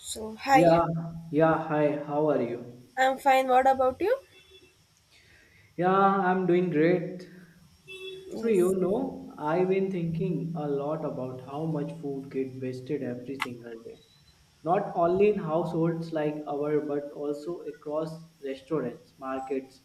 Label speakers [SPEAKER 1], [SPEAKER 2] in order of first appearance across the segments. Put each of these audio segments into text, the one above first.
[SPEAKER 1] So, hi,
[SPEAKER 2] Yeah, yeah, hi, how are you?
[SPEAKER 1] I'm fine. What about you?
[SPEAKER 2] Yeah, I'm doing great. So,
[SPEAKER 1] Yes.
[SPEAKER 2] I've been thinking a lot about how much food gets wasted every single day. Not only in households like our, but also across restaurants, markets,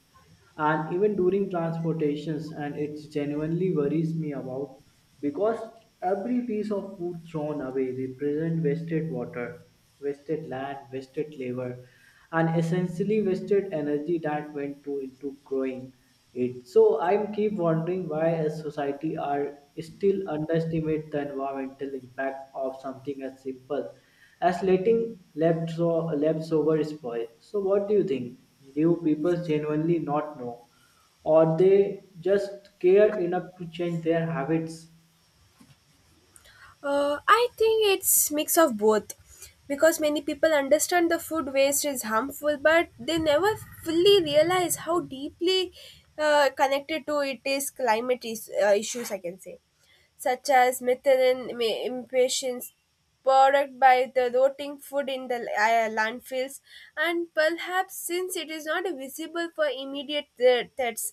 [SPEAKER 2] and even during transportations. And it genuinely worries me about because every piece of food thrown away represents wasted water, wasted land, wasted labor, and essentially wasted energy that went to into growing it. So I keep wondering why as society are still underestimate the environmental impact of something as simple as letting leftover spoil. So what do you think? Do people genuinely not know? Or they just care enough to change their habits?
[SPEAKER 1] I think it's mix of both because many people understand the food waste is harmful but they never fully realize how deeply connected to it is climate is, issues I can say. Such as methane emissions product by the rotting food in the landfills, and perhaps since it is not visible for immediate threats,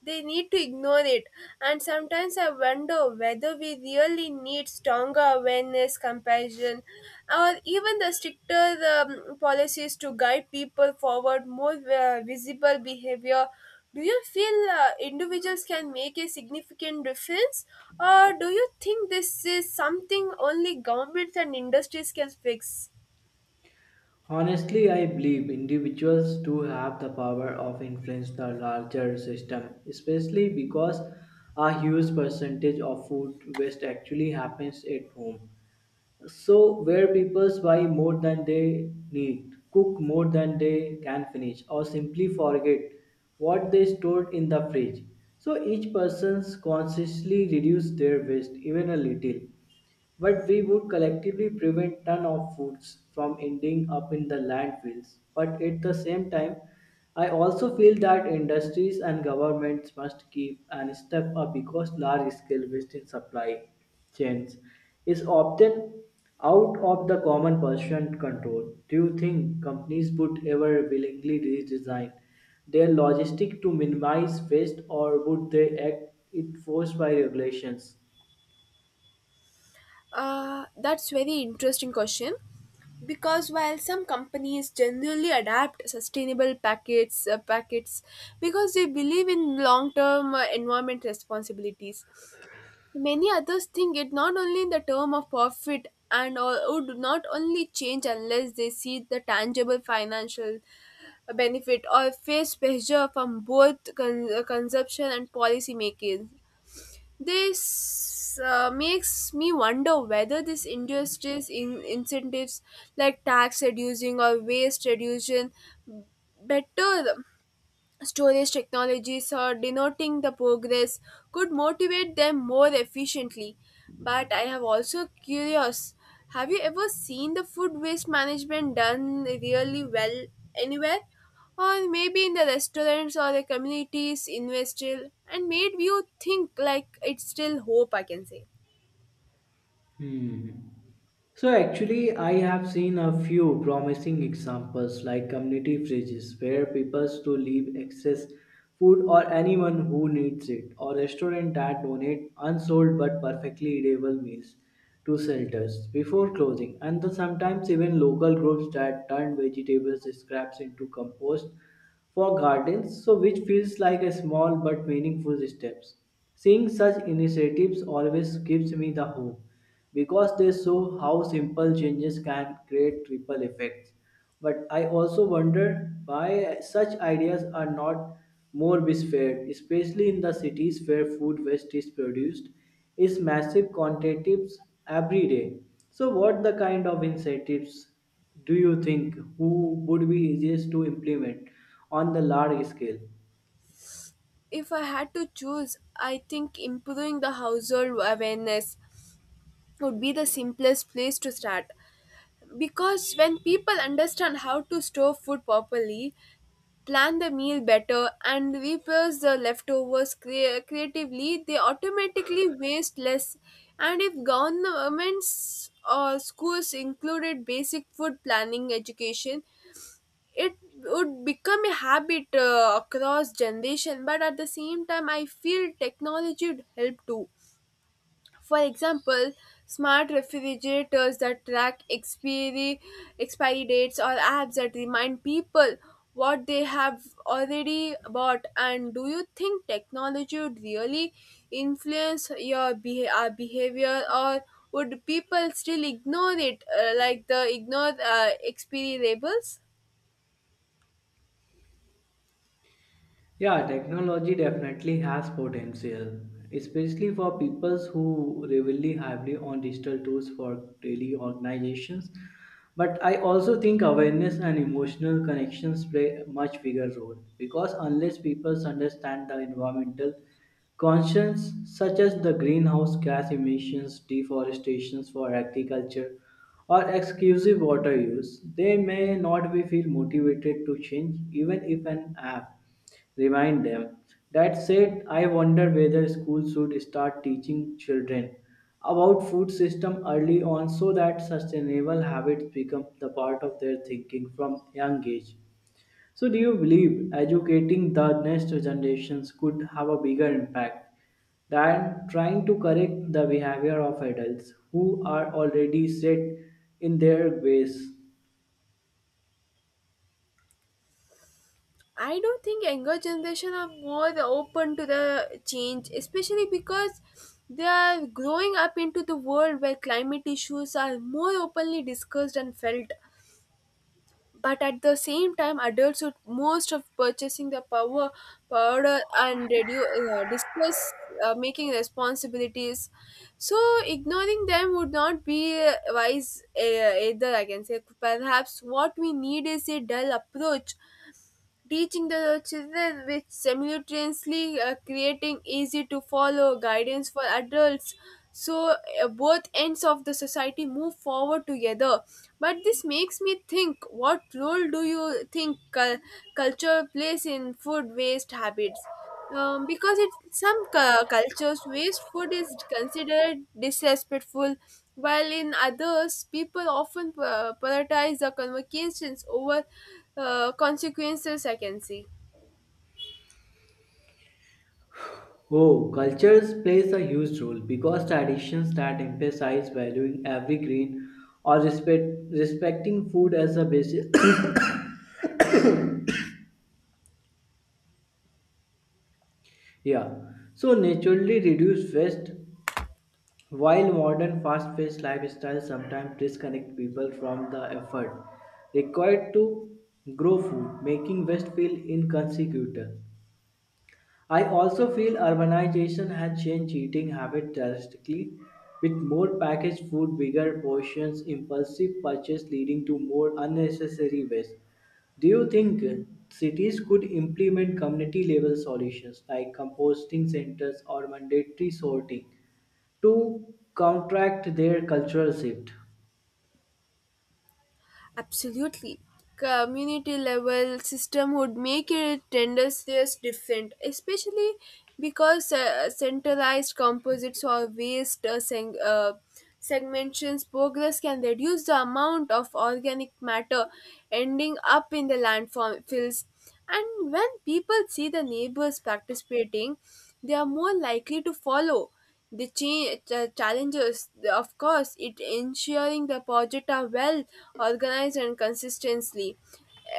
[SPEAKER 1] they need to ignore it. And sometimes I wonder whether we really need stronger awareness, compassion, or even the stricter policies to guide people forward more visible behavior. Do you feel individuals can make a significant difference, or do you think this is something only governments and industries can fix?
[SPEAKER 2] Honestly, I believe individuals do have the power of influence the larger system, especially because a huge percentage of food waste actually happens at home. So, where people buy more than they need, cook more than they can finish, or simply forget what they stored in the fridge. So, each person's consciously reduce their waste even a little, but we would collectively prevent ton of foods from ending up in the landfills. But at the same time, I also feel that industries and governments must keep an step up because large scale waste in supply chains is often out of the common person control. Do you think companies would ever willingly redesign their logistic to minimize waste, or would they act it forced by regulations?
[SPEAKER 1] That's very interesting question. Because while some companies generally adapt sustainable packets, packets because they believe in long-term environment responsibilities, many others think it not only in the term of profit and or would not only change unless they see the tangible financial benefit or face pressure from both consumption and policy making. This makes me wonder whether these industries in incentives like tax reducing or waste reduction better storage technologies or denoting the progress could motivate them more efficiently, but I have also curious, have you ever seen the food waste management done really well anywhere, or maybe in the restaurants or the communities industrial and made you think like it's still hope I can say.
[SPEAKER 2] Hmm. So actually, I have seen a few promising examples like community fridges where people to leave excess food or anyone who needs it, or restaurant that donate unsold but perfectly edible meals to shelters before closing, and the sometimes even local groups that turn vegetables scraps into compost for gardens, so which feels like a small but meaningful steps. Seeing such initiatives always gives me the hope because they show how simple changes can create ripple effects. But I also wonder why such ideas are not more bespread, especially in the cities where food waste is produced is massive quantities every day. So what the kind of incentives do you think who would be easiest to implement on the large scale?
[SPEAKER 1] If I had to choose I think improving the household awareness would be the simplest place to start. Because when people understand how to store food properly, plan the meal better, and repurpose the leftovers creatively, they automatically waste less. And if governments or schools included basic food planning education, it would become a habit across generation. But at the same time, I feel technology would help too, for example, smart refrigerators that track expiry, expiry dates or apps that remind people what they have already bought. And do you think technology would really influence your our behavior, or would people still ignore it like the ignore expiry labels?
[SPEAKER 2] Yeah, technology definitely has potential, especially for people who rely heavily on digital tools for daily organizations. But I also think awareness and emotional connections play a much bigger role because unless people understand the environmental conscience, such as the greenhouse gas emissions, deforestation for agriculture, or exclusive water use, they may not be feel motivated to change even if an app. Remind them. That said, I wonder whether schools should start teaching children about food system early on so that sustainable habits become the part of their thinking from young age. So do you believe educating the next generations could have a bigger impact than trying to correct the behavior of adults who are already set in their ways?
[SPEAKER 1] I don't think younger generation are more open to the change, especially because they are growing up into the world where climate issues are more openly discussed and felt. But at the same time, adults with most of purchasing the power, powder and radio discuss making responsibilities. So ignoring them would not be wise either. I can say perhaps what we need is a dull approach teaching the children with simultaneously creating easy to follow guidance for adults so both ends of the society move forward together. But this makes me think, what role do you think culture plays in food waste habits, because in some cultures waste food is considered disrespectful while in others people often prioritize the convocations over consequences I can see.
[SPEAKER 2] Oh, cultures plays a huge role because traditions that emphasize valuing every grain or respecting food as a basis, yeah, so naturally reduce waste. While modern fast-paced lifestyles sometimes disconnect people from the effort required to grow food, making waste feel inconsequential. I also feel urbanization has changed eating habits drastically, with more packaged food, bigger portions, impulsive purchase leading to more unnecessary waste. Do you think cities could implement community level solutions like composting centers or mandatory sorting to counteract their cultural shift?
[SPEAKER 1] Absolutely. Community level system would make it tendencies different, especially because centralized composites or waste segmentations progress can reduce the amount of organic matter ending up in the landfills. And when people see the neighbors participating, they are more likely to follow. The challenges, of course, it ensuring the project are well organized and consistently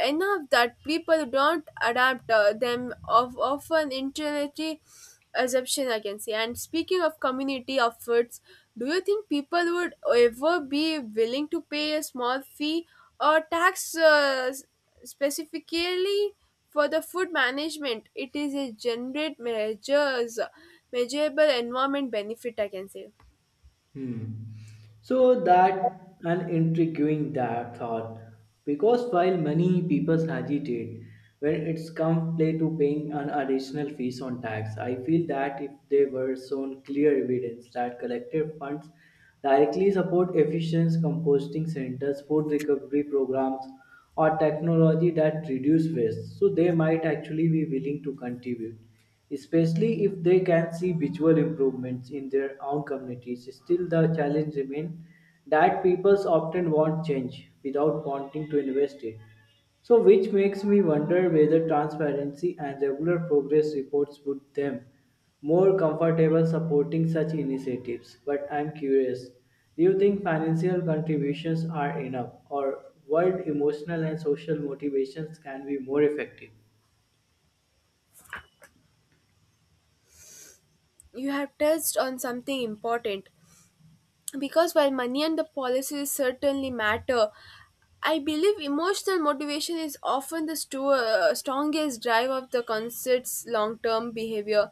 [SPEAKER 1] enough that people don't adapt them of often intellectually assumption I can say. And speaking of community efforts, do you think people would ever be willing to pay a small fee or tax specifically for the food management it is a generate measures measurable environment benefit I can say.
[SPEAKER 2] Hmm. So that an intriguing that thought, because while many people hesitate when it's come play to paying an additional fees on tax, I feel that if they were shown clear evidence that collective funds directly support efficient composting centers, food recovery programs, or technology that reduce waste, so they might actually be willing to contribute, especially if they can see visual improvements in their own communities. Still, the challenge remains that people often want change without wanting to invest it. So, which makes me wonder whether transparency and regular progress reports would them more comfortable supporting such initiatives. But I'm curious, do you think financial contributions are enough, or world emotional and social motivations can be more effective?
[SPEAKER 1] You have touched on something important because while money and the policies certainly matter, I believe emotional motivation is often the strongest drive of the concert's long term behavior,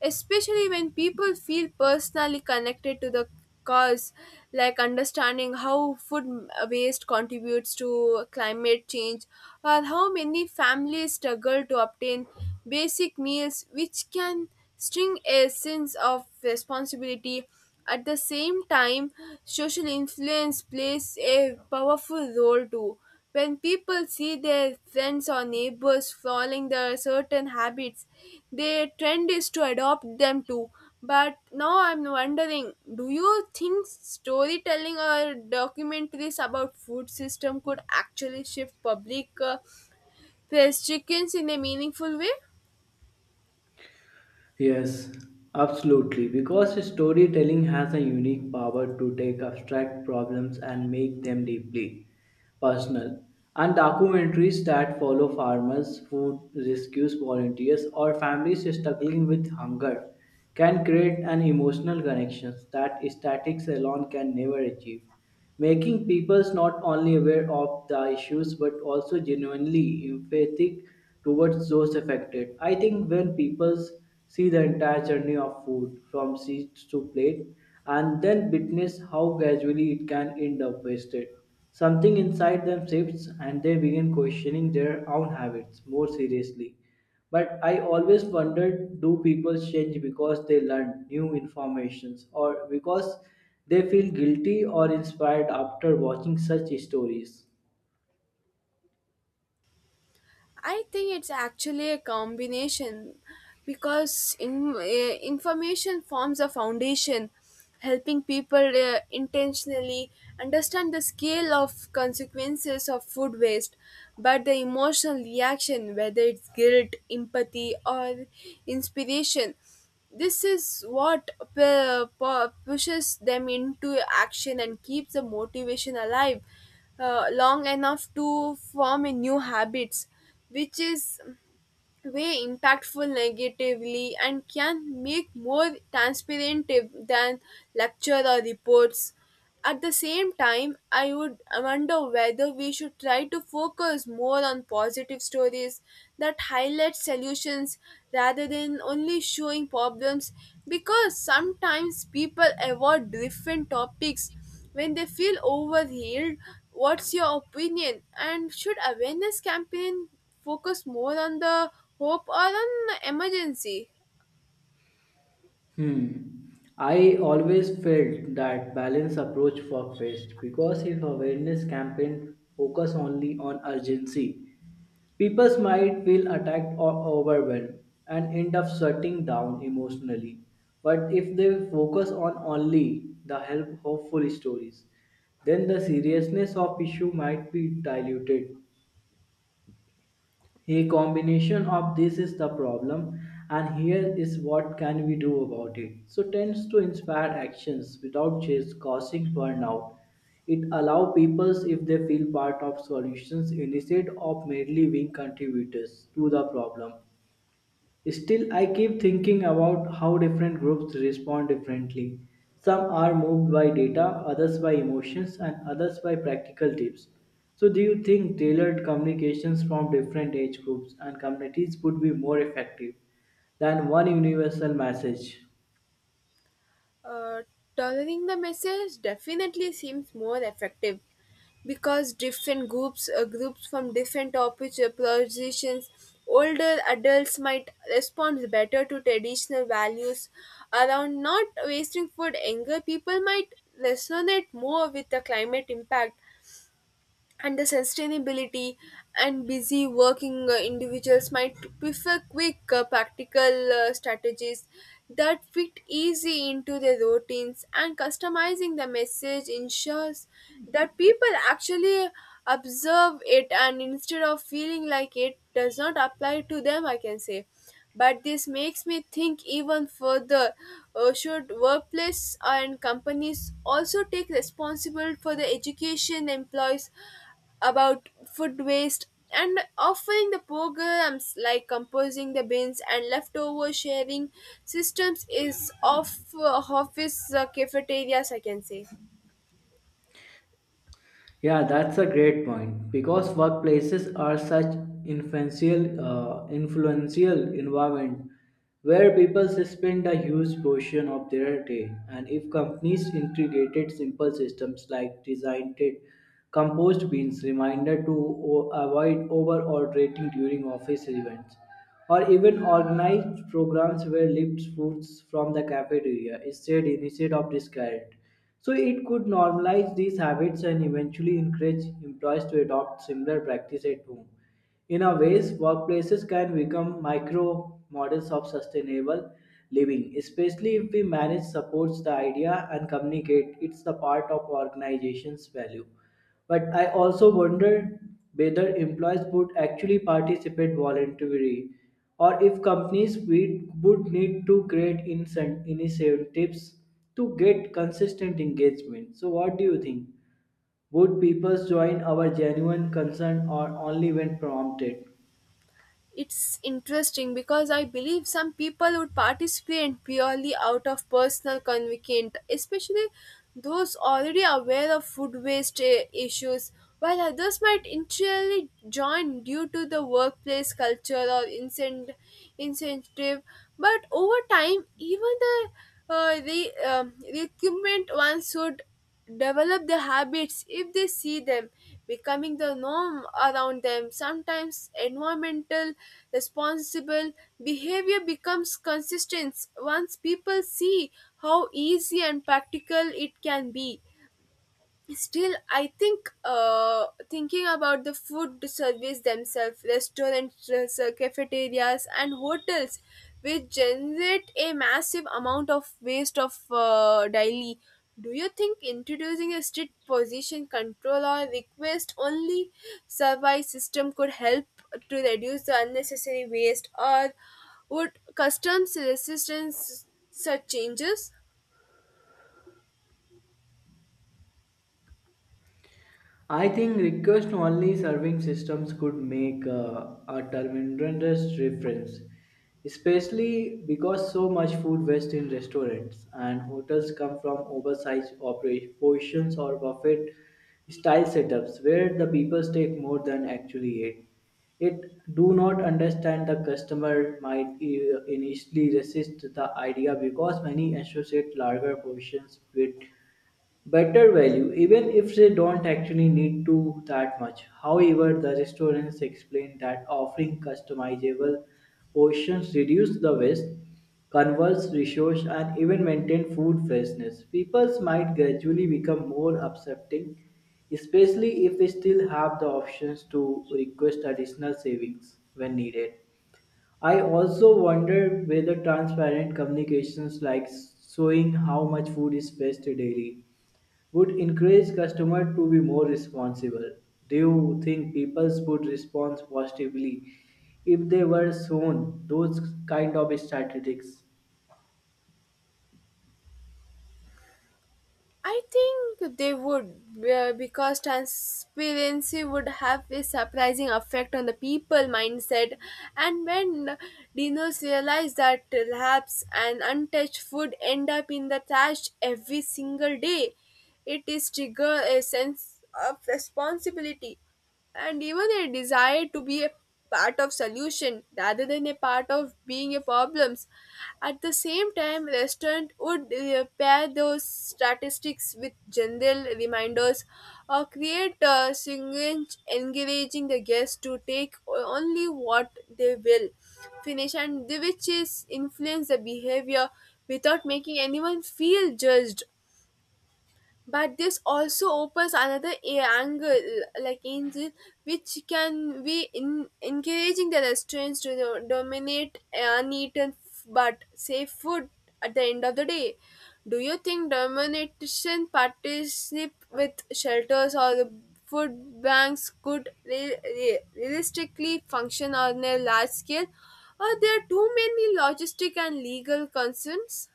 [SPEAKER 1] especially when people feel personally connected to the cause, like understanding how food waste contributes to climate change or how many families struggle to obtain basic meals, which can string a sense of responsibility. At the same time, social influence plays a powerful role too. When people see their friends or neighbors following the certain habits, their trend is to adopt them too. But now I'm wondering, do you think storytelling or documentaries about food system could actually shift public chickens in a meaningful way?
[SPEAKER 2] Yes, absolutely. Because storytelling has a unique power to take abstract problems and make them deeply personal. And documentaries that follow farmers, food rescues, volunteers, or families struggling with hunger can create an emotional connection that statistics alone can never achieve, making peoples not only aware of the issues but also genuinely empathetic towards those affected. I think when people see the entire journey of food from seed to plate and then witness how gradually it can end up wasted, something inside them shifts and they begin questioning their own habits more seriously. But I always wondered, do people change because they learn new informations, or because they feel guilty or inspired after watching such stories?
[SPEAKER 1] I think it's actually a combination because in, information forms a foundation, helping people intentionally understand the scale of consequences of food waste. But the emotional reaction, whether it's guilt, empathy, or inspiration, this is what pushes them into action and keeps the motivation alive long enough to form a new habits, which is way impactful negatively and can make more transparent than lecture or reports. At the same time I would wonder whether we should try to focus more on positive stories that highlight solutions rather than only showing problems because sometimes people avoid different topics when they feel overwhelmed. What's your opinion, and should awareness campaign focus more on the hope or on the emergency.
[SPEAKER 2] Hmm. I always felt that balanced approach worked best, because if awareness campaign focus only on urgency, people might feel attacked or overwhelmed and end up shutting down emotionally. But if they focus on only the help hopeful stories, then the seriousness of issue might be diluted. A combination of, this is the problem, and here is what can we do about it, so tends to inspire actions without just causing burnout. It allow people if they feel part of solutions instead of merely being contributors to the problem. Still, I keep thinking about how different groups respond differently. Some are moved by data, others by emotions, and others by practical tips. So, do you think tailored communications from different age groups and communities would be more effective than one universal message?
[SPEAKER 1] Uh, Tolerating the message definitely seems more effective because different groups, groups from different topics, positions, older adults might respond better to traditional values around not wasting food. Younger people might resonate more with the climate impact and the sustainability, and busy working individuals might prefer quick practical strategies that fit easy into their routines, and customizing the message ensures that people actually observe it and instead of feeling like it does not apply to them I can say. But this makes me think even further, should workplace and companies also take responsibility for the education employees about food waste, and offering the programs like composing the bins and leftover sharing systems is of office cafeterias I can say.
[SPEAKER 2] Yeah, that's a great point because workplaces are such influential environment where people spend a huge portion of their day. And if companies integrated simple systems like designed compost bins, reminder to avoid over ordering during office events, or even organized programs where lifts foods from the cafeteria is shared instead of discarded, so it could normalize these habits and eventually encourage employees to adopt similar practice at home. In a ways, workplaces can become micro models of sustainable living, especially if we manage supports the idea and communicate it's the part of organization's value. But I also wonder whether employees would actually participate voluntarily, or if companies would need to create initiatives to get consistent engagement. So, what do you think? Would people join our genuine concern or only when prompted?
[SPEAKER 1] It's interesting because I believe some people would participate purely out of personal conviction, especially those already aware of food waste issues, while others might initially join due to the workplace culture or incentive. But over time, even the recruitment ones would develop the habits if they see them becoming the norm around them. Sometimes environmental responsible behavior becomes consistent once people see how easy and practical it can be. Still, I think thinking about the food service themselves, restaurants, cafeterias, and hotels, which generate a massive amount of waste of daily. Do you think introducing a strict position control or request only survey system could help to reduce the unnecessary waste, or would customs resistance such changes?
[SPEAKER 2] I think request only serving systems could make a tremendous difference, especially because so much food waste in restaurants and hotels come from oversized portions or buffet style setups where the people take more than actually eat. It do not understand the customer might initially resist the idea, because many associate larger portions with better value, even if they don't actually need to that much. However, the restaurants explain that offering customizable portions reduce the waste, conserves resource, and even maintain food freshness. People might gradually become more accepting, especially if they still have the options to request additional savings when needed. I also wonder whether transparent communications, like showing how much food is wasted daily, would encourage customers to be more responsible. Do you think people would respond positively if they were shown those kind of statistics?
[SPEAKER 1] I think they would because transparency would have a surprising effect on the people mindset. And when dinos realize that perhaps an untouched food end up in the trash every single day, it is trigger a sense of responsibility and even a desire to be a part of solution rather than a part of being a problems. At the same time restaurant would pair those statistics with general reminders or create signage encouraging the guests to take only what they will finish and the which is influence the behavior without making anyone feel judged. But this also opens another angle like angel which can be in encouraging the restaurants to dominate uneaten but safe food at the end of the day. Do you think domination partnership with shelters or the food banks could realistically function on a large scale, or there are too many logistic and legal concerns?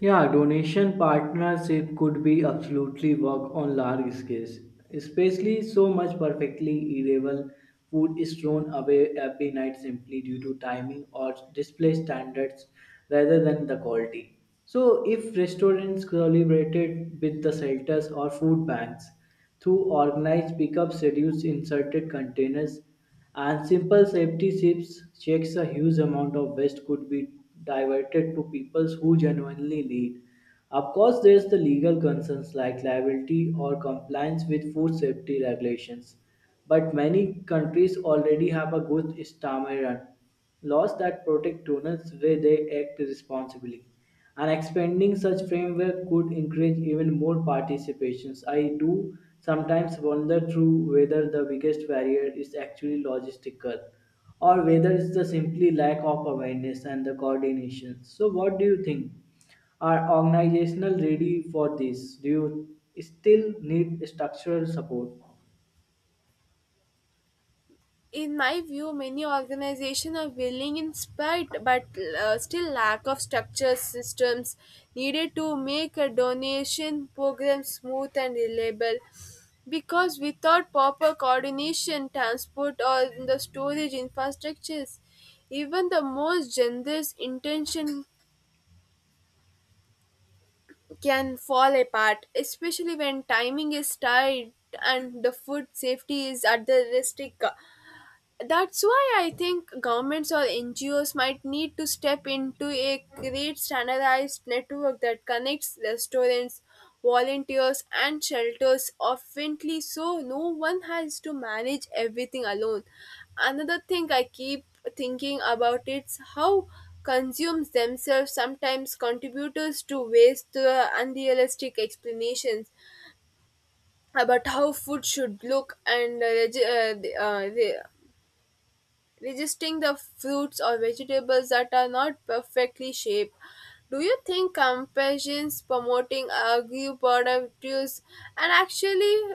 [SPEAKER 2] Yeah, donation partnership could be absolutely work on large scales, especially so much perfectly edible food is thrown away every night simply due to timing or display standards rather than the quality. So, if restaurants collaborated with the shelters or food banks through organized pickups, reduce inserted containers and simple safety ships checks, a huge amount of waste could be diverted to people who genuinely need. Of course, there's the legal concerns like liability or compliance with food safety regulations. But many countries already have a good stammeron laws that protect donors where they act responsibly, and expanding such framework could encourage even more participations. I do sometimes wonder through whether the biggest barrier is actually logistical, or whether it's the simply lack of awareness and the coordination. So what do you think, are organizational ready for this? Do you still need structural support?
[SPEAKER 1] In my view many organizations are willing in spite but still lack of structures systems needed to make a donation program smooth and reliable, because without proper coordination transport or the storage infrastructures even the most generous intention can fall apart, especially when timing is tight and the food safety is at the risk. That's why I think governments or ngos might need to step into a great standardized network that connects restaurants volunteers and shelters oftenly so no one has to manage everything alone. Another thing I keep thinking about is how consumers themselves sometimes contributors to waste the unrealistic explanations about how food should look and resisting the fruits or vegetables that are not perfectly shaped. Do you think compassions promoting agri-produce and actually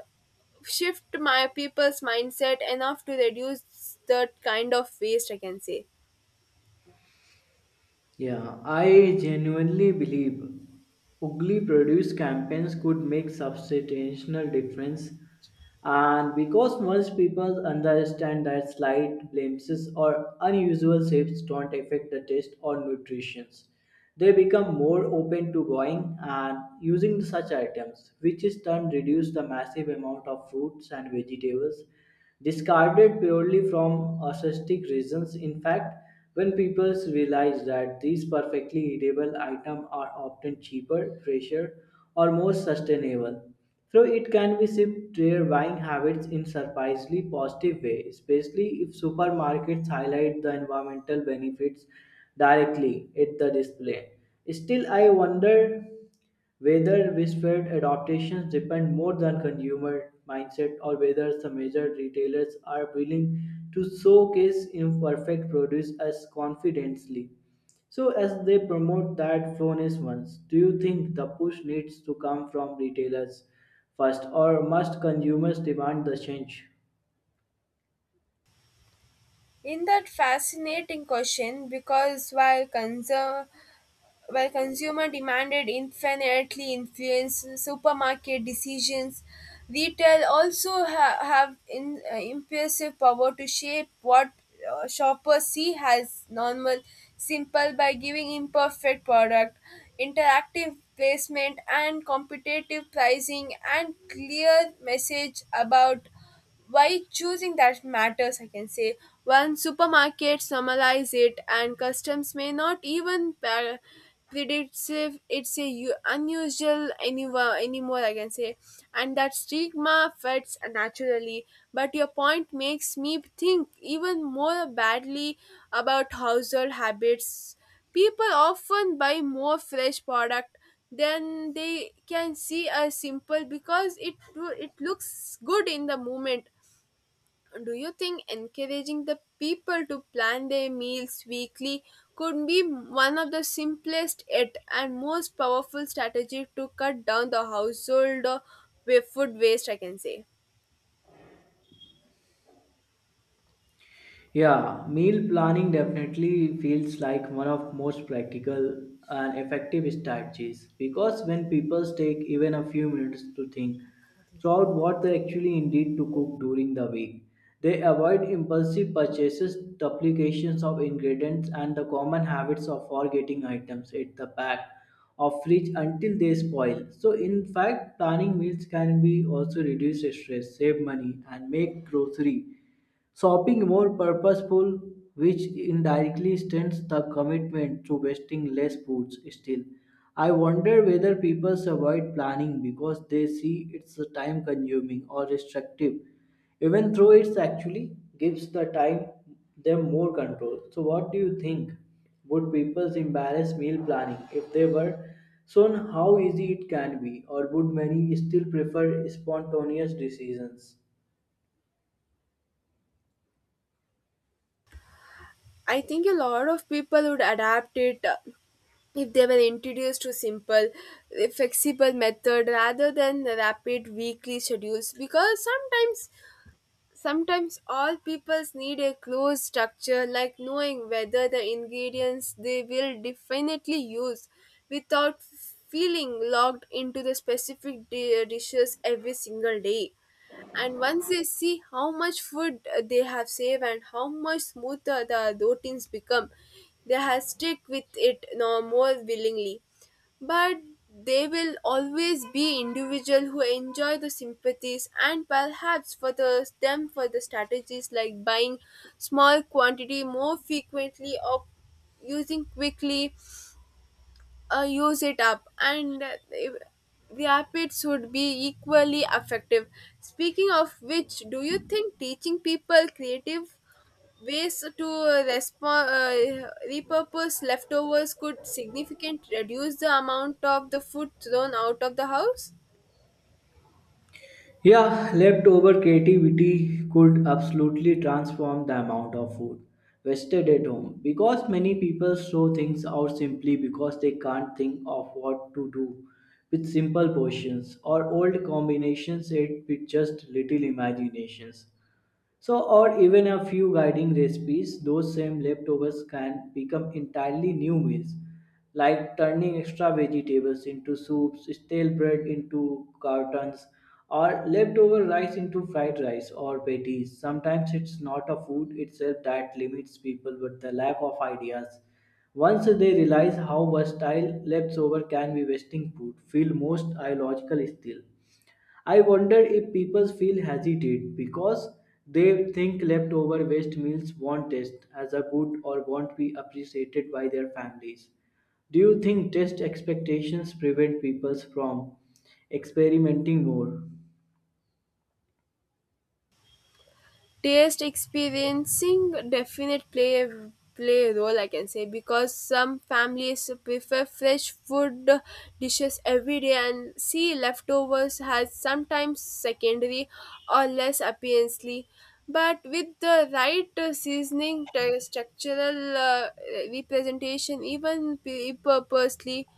[SPEAKER 1] shift my people's mindset enough to reduce that kind of waste? I can say.
[SPEAKER 2] Yeah, I genuinely believe ugly produce campaigns could make substantial difference, and because most people understand that slight blemishes or unusual shapes don't affect the taste or nutrition, they become more open to buying and using such items, which in turn reduce the massive amount of fruits and vegetables discarded purely from aesthetic reasons. In fact, when people realize that these perfectly edible items are often cheaper, fresher, or more sustainable, so it can be shift their buying habits in surprisingly positive way, especially if supermarkets highlight the environmental benefits directly at the display. Still, I wonder whether whispered adaptations depend more than consumer mindset, or whether the major retailers are willing to showcase imperfect produce as confidently. So as they promote that flawless ones, do you think the push needs to come from retailers first, or must consumers demand the change?
[SPEAKER 1] In that fascinating question, because while consumer demanded infinitely influence supermarket decisions, retail also have in, impressive power to shape what shoppers see as normal, simple by giving imperfect product, interactive placement and competitive pricing and clear message about why choosing that matters I can say. One supermarket normalize it and customs may not even predicts if it's a unusual anywhere anymore I can say, and that stigma fits naturally. But your point makes me think even more badly about household habits. People often buy more fresh product than they can see as simple because it looks good in the moment. Do you think encouraging the people to plan their meals weekly could be one of the simplest yet and most powerful strategy to cut down the household food waste? I can say.
[SPEAKER 2] Yeah, meal planning definitely feels like one of most practical and effective strategies, because when people take even a few minutes to think throughout what they actually need to cook during the week, they avoid impulsive purchases, duplications of ingredients, and the common habits of forgetting items at the back of fridge until they spoil. So, in fact, planning meals can be also reduce stress, save money, and make grocery shopping more purposeful, which indirectly strengthens the commitment to wasting less foods. Still, I wonder whether people avoid planning because they see it's time consuming or restrictive, even though it actually gives the time them more control. So, what do you think? Would people embarrass meal planning if they were shown how easy it can be, or would many still prefer spontaneous decisions?
[SPEAKER 1] I think a lot of people would adapt it if they were introduced to simple, flexible method rather than the rapid weekly schedules because sometimes all peoples need a close structure, like knowing whether the ingredients they will definitely use without feeling locked into the specific dishes every single day. And once they see how much food they have saved and how much smoother the routines become, they have stick with it no more willingly. But they will always be individual who enjoy the sympathies and perhaps for the them for the strategies like buying small quantity more frequently or using quickly use it up and the app it should be equally effective. Speaking of which, do you think teaching people creative ways to respond repurpose leftovers could significantly reduce the amount of the food thrown out of the house?
[SPEAKER 2] Yeah, leftover creativity could absolutely transform the amount of food wasted at home, because many people throw things out simply because they can't think of what to do with simple portions or old combinations. It with just little imaginations, so, or even a few guiding recipes, those same leftovers can become entirely new meals, like turning extra vegetables into soups, stale bread into cartons, or leftover rice into fried rice or patties. Sometimes it's not a food itself that limits people, but the lack of ideas. Once they realize how versatile leftover can be wasting food, feel most illogical still. I wonder if people feel hesitate because they think leftover waste meals won't taste as a good or won't be appreciated by their families. Do you think taste expectations prevent people from experimenting more?
[SPEAKER 1] Taste experiencing definite play play a role I can say because some families prefer fresh food dishes every day and see leftovers has sometimes secondary or less appearance. But with the right seasoning structural representation even purposely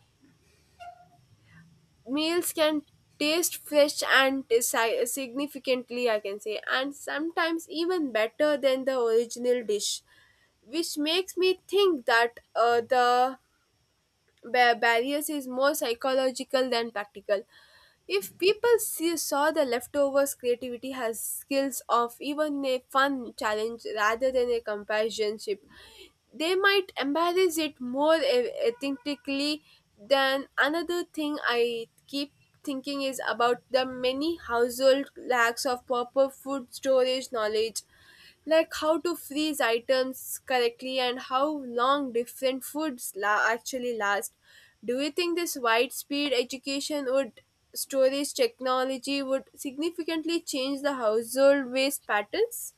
[SPEAKER 1] meals can taste fresh and significantly I can say, and sometimes even better than the original dish. Which makes me think that the barriers is more psychological than practical. If people saw the leftovers creativity has skills of even a fun challenge rather than a companionship they might embrace it more authentically than. Another thing I keep thinking is about the many household lacks of proper food storage knowledge, like how to freeze items correctly and how long different foods actually last. Do you think this widespread education would storage technology would significantly change the household waste patterns?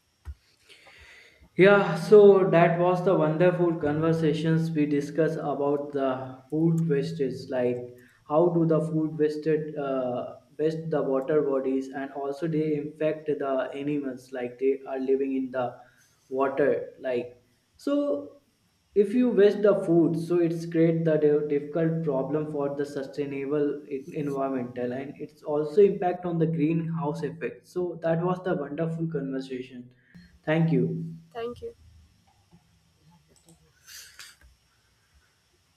[SPEAKER 2] Yeah, so that was the wonderful conversations we discussed about the food wastage, like how do the food waste the water bodies, and also they infect the animals like they are living in the water. Like so, if you waste the food, so it's create the difficult problem for the sustainable environmental, and it's also impact on the greenhouse effect. So that was the wonderful conversation. Thank you.
[SPEAKER 1] Thank you.